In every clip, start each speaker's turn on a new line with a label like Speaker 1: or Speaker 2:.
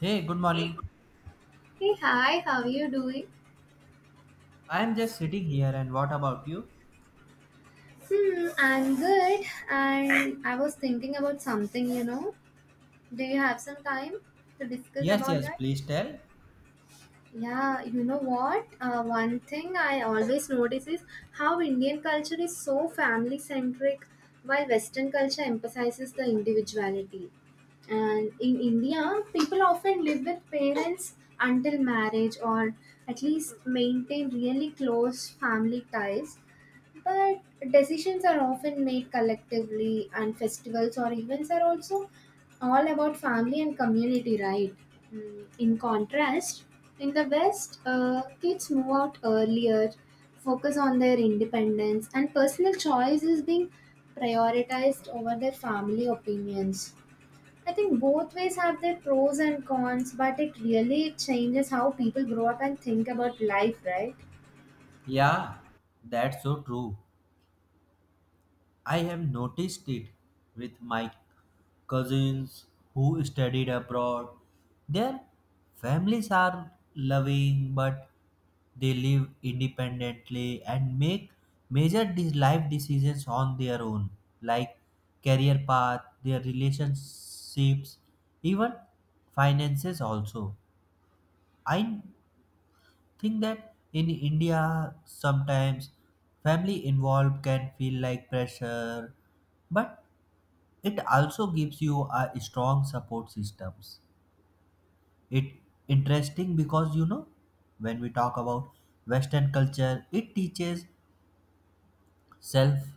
Speaker 1: Hey, good morning.
Speaker 2: Hey, hi, how are you doing?
Speaker 1: I am just sitting here, and what about you?
Speaker 2: Hmm, I'm good. And I was thinking about something. Do you have some time to discuss
Speaker 1: Yes,
Speaker 2: about
Speaker 1: yes,
Speaker 2: that?
Speaker 1: please tell.
Speaker 2: Yeah, you know what? One thing I always notice is how Indian culture is so family centric, while Western culture emphasizes the individuality. And in India, people often live with parents until marriage or at least maintain really close family ties. But decisions are often made collectively, and festivals or events are also all about family and community, right? In contrast, in the West, kids move out earlier, focus on their independence, and personal choice is being prioritized over their family opinions. I think both ways have their pros and cons, but it really changes how people grow up and think about life, right?
Speaker 1: Yeah, that's so true. I have noticed it with my cousins who studied abroad. Their families are loving, but they live independently and make life decisions on their own, like career path, their relationships, even finances also. I think that in India sometimes family involved can feel like pressure, but it also gives you a strong support systems. It interesting because you know when we talk about Western culture, it teaches self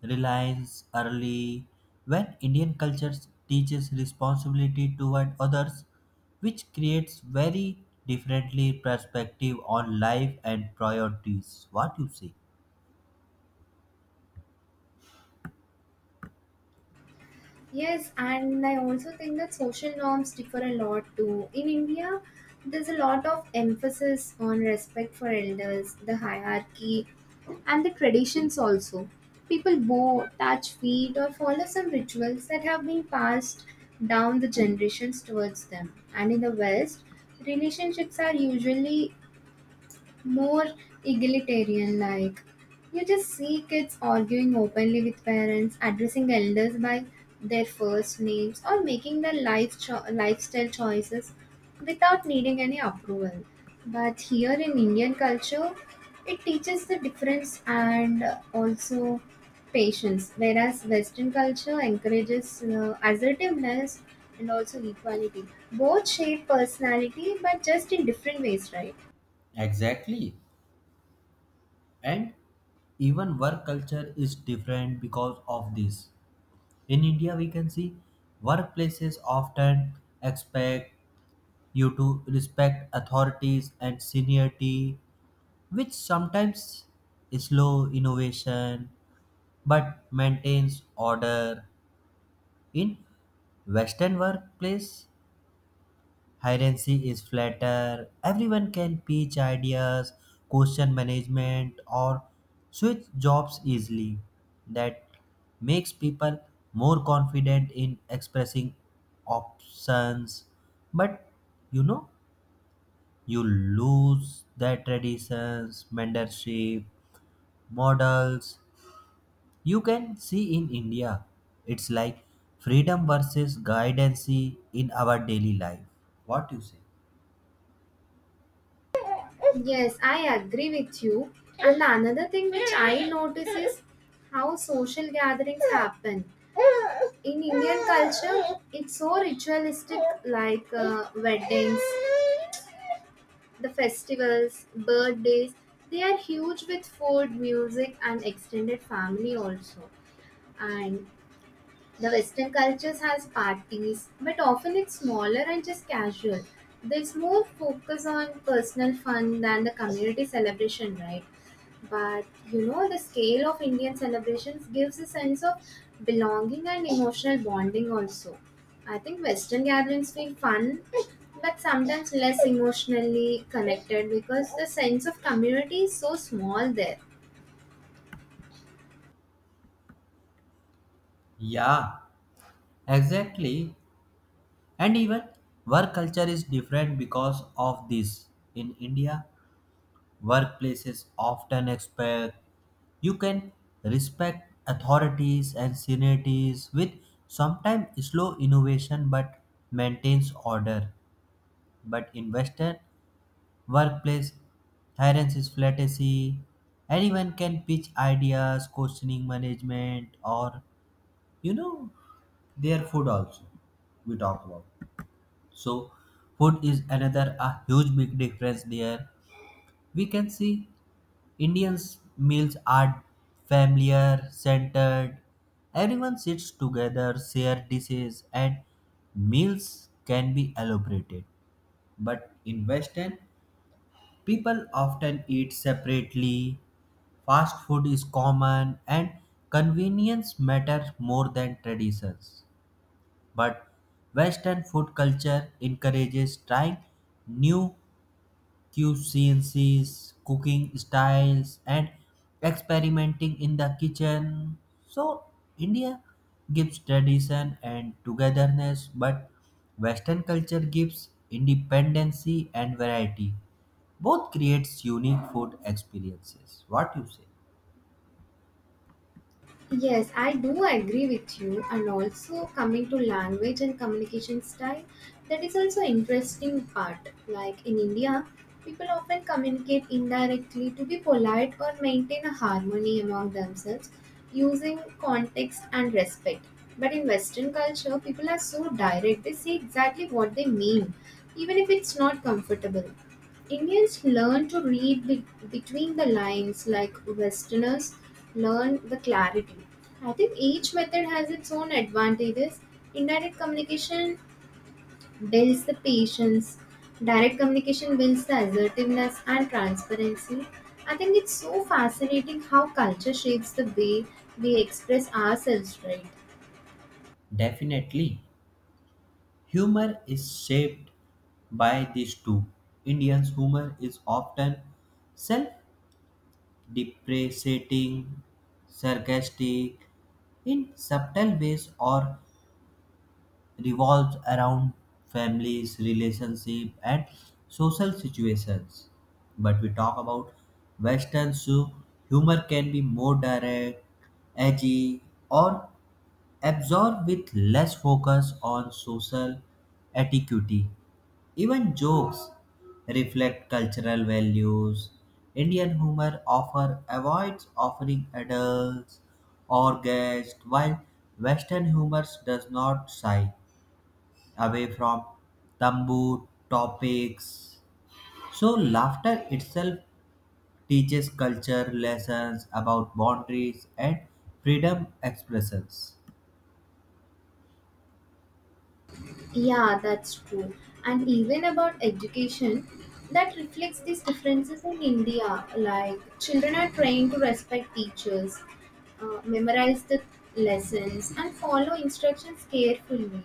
Speaker 1: reliance early when Indian culture teaches responsibility toward others, which creates very differently perspective on life and priorities. What you say?
Speaker 2: Yes, and I also think that social norms differ a lot too. In India, there's a lot of emphasis on respect for elders, the hierarchy, and the traditions also. People bow, touch feet, or follow some rituals that have been passed down the generations towards them. And in the West, relationships are usually more egalitarian, like you just see kids arguing openly with parents, addressing elders by their first names, or making their life lifestyle choices without needing any approval. But here in Indian culture, it teaches the difference and also patience, whereas Western culture encourages assertiveness and also equality. Both shape personality but just in different ways, right?
Speaker 1: Exactly. And even work culture is different because of this. In India, we can see workplaces often expect you to respect authorities and seniority, which sometimes slow innovation but maintains order. In Western workplace, hierarchy is flatter. Everyone can pitch ideas, question management, or switch jobs easily. That makes people more confident in expressing options. But you know, you lose their traditions, mentorship, models, you can see in india it's like freedom versus guidance in our daily life. What you say?
Speaker 2: Yes, I agree with you. And another thing which I notice is how social gatherings happen. In Indian culture, it's so ritualistic, like weddings, the festivals, birthdays, they are huge with food, music, and extended family also. And the Western cultures has parties, but often it's smaller and just casual. There's more focus on personal fun than the community celebration, right? But the scale of Indian celebrations gives a sense of belonging and emotional bonding also. I think Western gatherings feel fun, but sometimes less emotionally connected because the sense of community is so small there.
Speaker 1: Yeah, exactly, and even work culture is different because of this. In india, workplaces often expect you can respect authorities and seniorities with sometimes slow innovation but maintains order. But in western workplace, tyrants is flattery. Anyone can pitch ideas, questioning management, or you know, their food also. We talk about so food is another a huge big difference there. We can see Indians meals are familiar, centered. Everyone sits together, share dishes, and meals can be elaborated. But in Western, people often eat separately. Fast food is common and convenience matters more than traditions. But Western food culture encourages trying new cuisines, cooking styles, and experimenting in the kitchen. So, India gives tradition and togetherness, but Western culture gives independency and variety. Both creates unique food experiences. What you say?
Speaker 2: Yes, I do agree with you. And also, coming to language and communication style, that is also interesting part. Like in India, people often communicate indirectly to be polite or maintain a harmony among themselves, using context and respect. But in Western culture, people are so direct, they say exactly what they mean, even if it's not comfortable. Indians learn to read between the lines, like Westerners learn the clarity. I think each method has its own advantages. Indirect communication builds the patience, direct communication builds the assertiveness and transparency. I think it's so fascinating how culture shapes the way we express ourselves, right?
Speaker 1: Definitely. Humor is shaped by these two. Indians' humor is often self depreciating, sarcastic, in subtle ways or revolves around families, relationship, and social situations. But we talk about Western, so humor can be more direct, edgy, or absorbed with less focus on social etiquette. Even jokes reflect cultural values. Indian humor offer avoids offering adults or guests, while Western humor does not shy away from taboo topics. So laughter itself teaches culture lessons about boundaries and freedom expressions.
Speaker 2: Yeah, that's true. And even about education, that reflects these differences in India. Like, children are trained to respect teachers, memorize the lessons, and follow instructions carefully.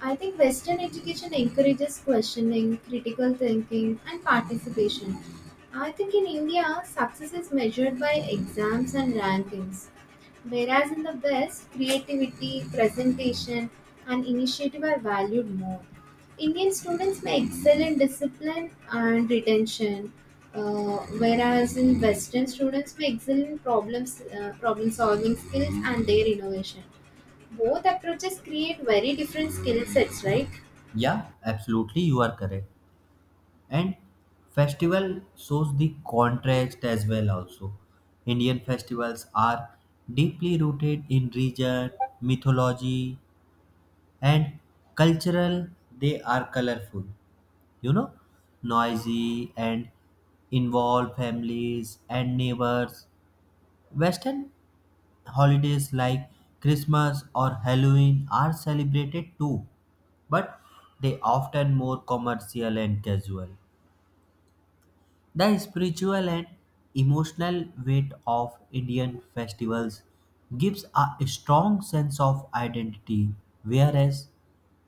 Speaker 2: I think Western education encourages questioning, critical thinking, and participation. I think in India, success is measured by exams and rankings, whereas in the West, creativity, presentation, and initiative are valued more. Indian students may excel in discipline and retention, whereas in Western students may excel in problem solving skills and their innovation. Both approaches create very different skill sets, right?
Speaker 1: Yeah, absolutely, you are correct. And festival shows the contrast as well also. Indian festivals are deeply rooted in region, mythology, and cultural. They are colorful, you know, noisy and involve families and neighbors. Western holidays like Christmas or Halloween are celebrated too, but they often more commercial and casual. The spiritual and emotional weight of Indian festivals gives a strong sense of identity, whereas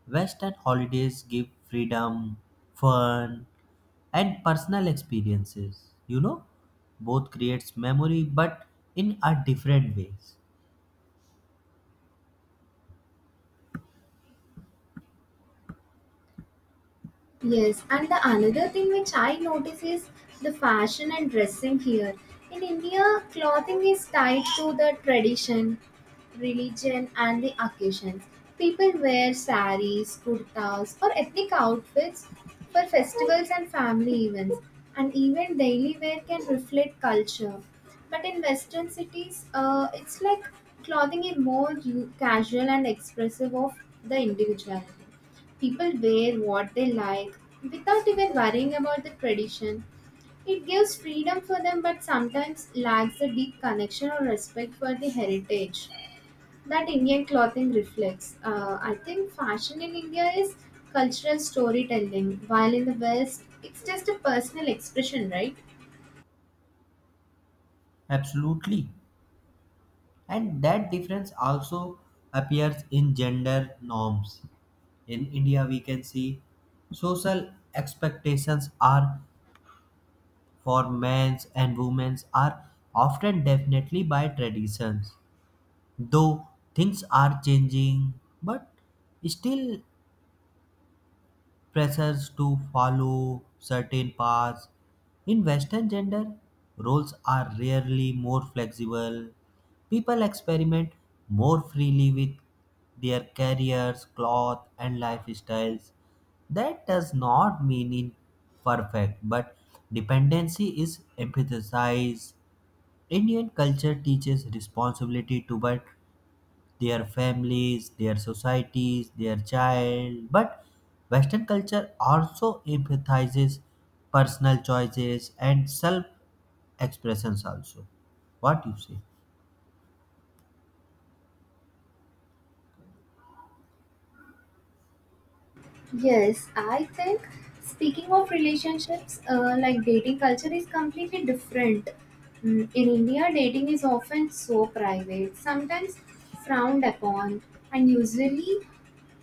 Speaker 1: Western holidays give freedom, fun, and personal experiences. You know, both creates memory, but in a different ways.
Speaker 2: Yes, and the another thing which I notice is the fashion and dressing here. In India, clothing is tied to the tradition, religion, and the occasions. People wear saris, kurtas, or ethnic outfits for festivals and family events, and even daily wear can reflect culture. But in Western cities, it's like clothing is more casual and expressive of the individuality. People wear what they like without even worrying about the tradition. It gives freedom for them but sometimes lacks the deep connection or respect for the heritage that Indian clothing reflects. I think fashion in India is cultural storytelling, while in the West, it's just a personal expression, right?
Speaker 1: Absolutely, and that difference also appears in gender norms. In India, we can see social expectations are for men and women are often definitely by traditions, though things are changing, but still pressures to follow certain paths. In Western gender, roles are rarely more flexible. People experiment more freely with their careers, cloth, and lifestyles. That does not mean imperfect, but dependency is emphasized. Indian culture teaches responsibility to but their families, their societies, their child. But Western culture also emphasizes personal choices and self expressions, also. What you say?
Speaker 2: Yes, I think speaking of relationships, like dating culture is completely different. In India, dating is often so private, sometimes frowned upon, and usually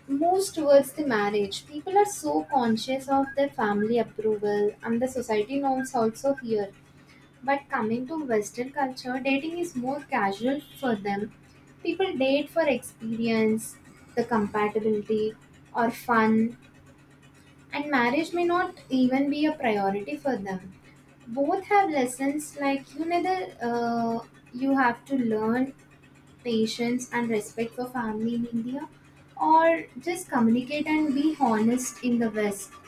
Speaker 2: moves towards the marriage. People are so conscious of their family approval and the society norms also here. But coming to Western culture, dating is more casual for them. People date for experience, the compatibility, or fun, and marriage may not even be a priority for them. Both have lessons, like you neither you have to learn patience and respect for family in India, or just communicate and be honest in the West.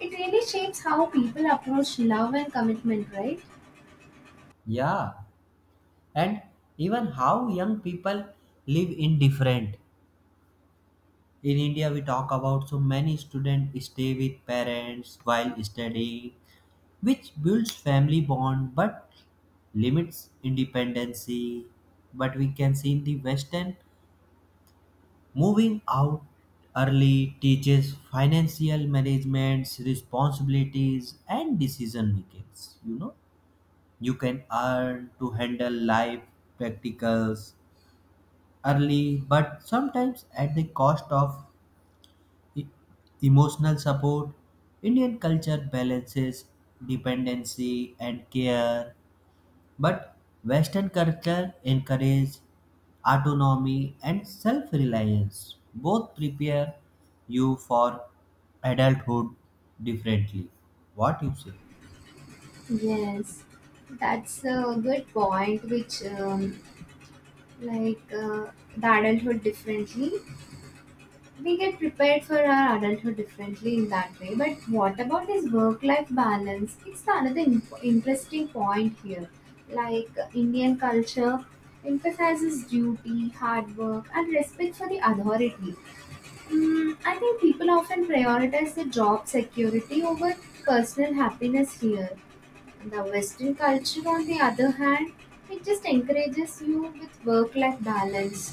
Speaker 2: It really shapes how people approach love and commitment, right?
Speaker 1: Yeah, and even how young people live in different. In India, we talk about so many students stay with parents while studying, which builds family bond but limits independency. But we can see in the Western, moving out early teaches financial management's responsibilities and decision making. You know, you can earn to handle life practicals early, but sometimes at the cost of e- emotional support. Indian culture balances dependency and care but Western culture encourages autonomy and self reliance. Both prepare you for adulthood differently. What you say?
Speaker 2: Yes, that's a good point, which like the adulthood differently. We get prepared for our adulthood differently in that way. But what about this work-life balance? It's the another interesting point here. Like Indian culture emphasizes duty, hard work, and respect for the authority. I think people often prioritize the job security over personal happiness here. The Western culture, on the other hand, it just encourages you with work-life balance.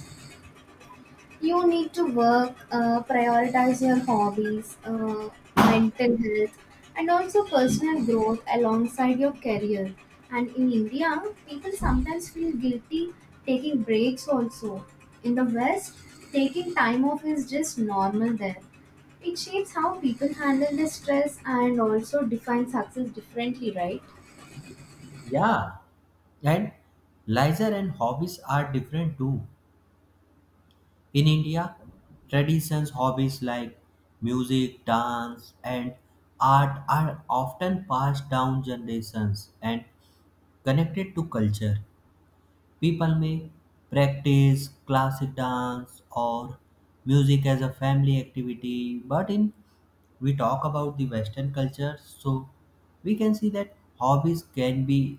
Speaker 2: You need to work, prioritize your hobbies, mental health, and also personal growth alongside your career. And in India, people sometimes feel guilty taking breaks also. In the West, taking time off is just normal there. It shapes how people handle their stress and also define success differently, right?
Speaker 1: Yeah, and leisure and hobbies are different too. In India, traditions hobbies like music, dance, and art are often passed down generations and connected to culture. People may practice classic dance or music as a family activity, but in, we talk about the Western culture, so we can see that hobbies can be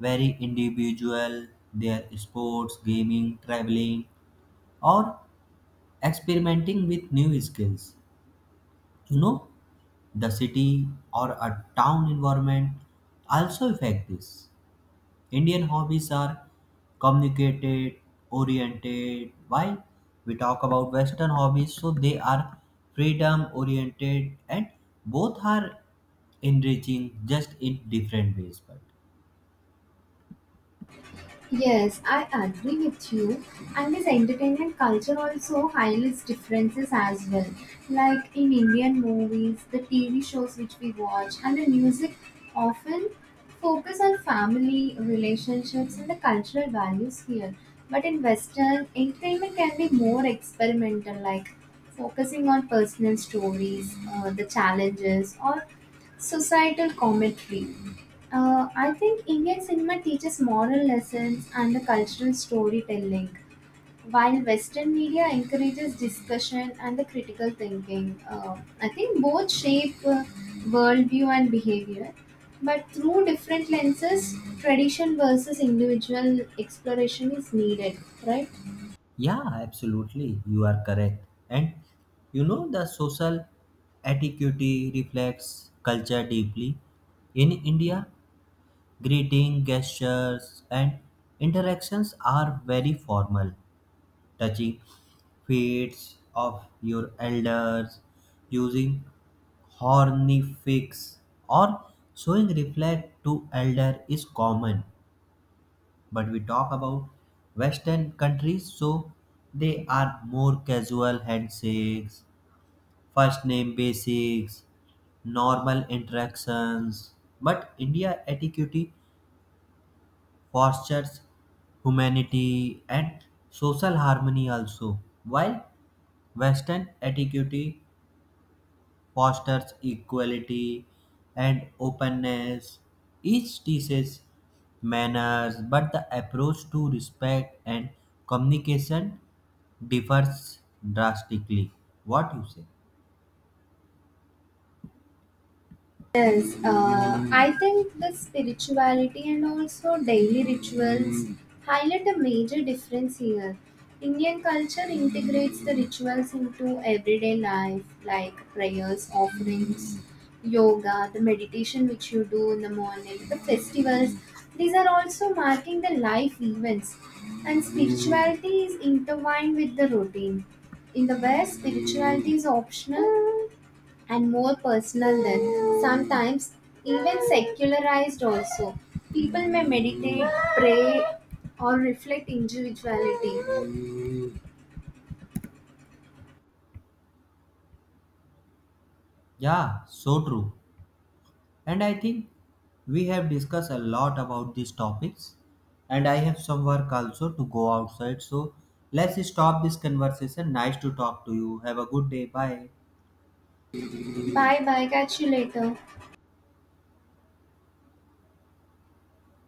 Speaker 1: very individual. Their sports, gaming, traveling, or experimenting with new skills. You know, the city or a town environment also affect this. Indian hobbies are communicated oriented, while we talk about western hobbies, so they are freedom oriented, and both are enriching just in different ways. But
Speaker 2: Yes, I agree with you. And this entertainment culture also highlights differences as well. Like in Indian movies, the TV shows which we watch, and the music often focus on family, relationships, and the cultural values here. But in Western, entertainment can be more experimental, like focusing on personal stories, the challenges, or societal commentary. I think Indian cinema teaches moral lessons and the cultural storytelling, while Western media encourages discussion and the critical thinking. I think both shape worldview and behavior, but through different lenses. Tradition versus individual exploration is needed, right?
Speaker 1: yeah, absolutely, you are correct. And you know, the social etiquette reflects culture deeply. In india, greeting gestures and interactions are very formal. Touching fates of your elders, using hornifex, or showing reflect to elder is common. But we talk about western countries, so they are more casual handshakes, first name basics, normal interactions. But india etiquette fosters humanity and social harmony also, while western etiquette fosters equality and openness. Each teaches manners, but the approach to respect and communication differs drastically. What you say?
Speaker 2: Yes, I think the spirituality and also daily rituals highlight a major difference here. Indian culture integrates the rituals into everyday life, like prayers, offerings, yoga, the meditation which you do in the morning, the festivals. These are also marking the life events, and spirituality is intertwined with the routine. In the West, spirituality is optional and more personal, than sometimes even secularized also. People may meditate, pray, or reflect individuality.
Speaker 1: Yeah, so true. And I think we have discussed a lot about these topics, and I have some work also to go outside. So let's stop this conversation. Nice to talk to you. Have a good day. Bye.
Speaker 2: Bye bye, catch you later.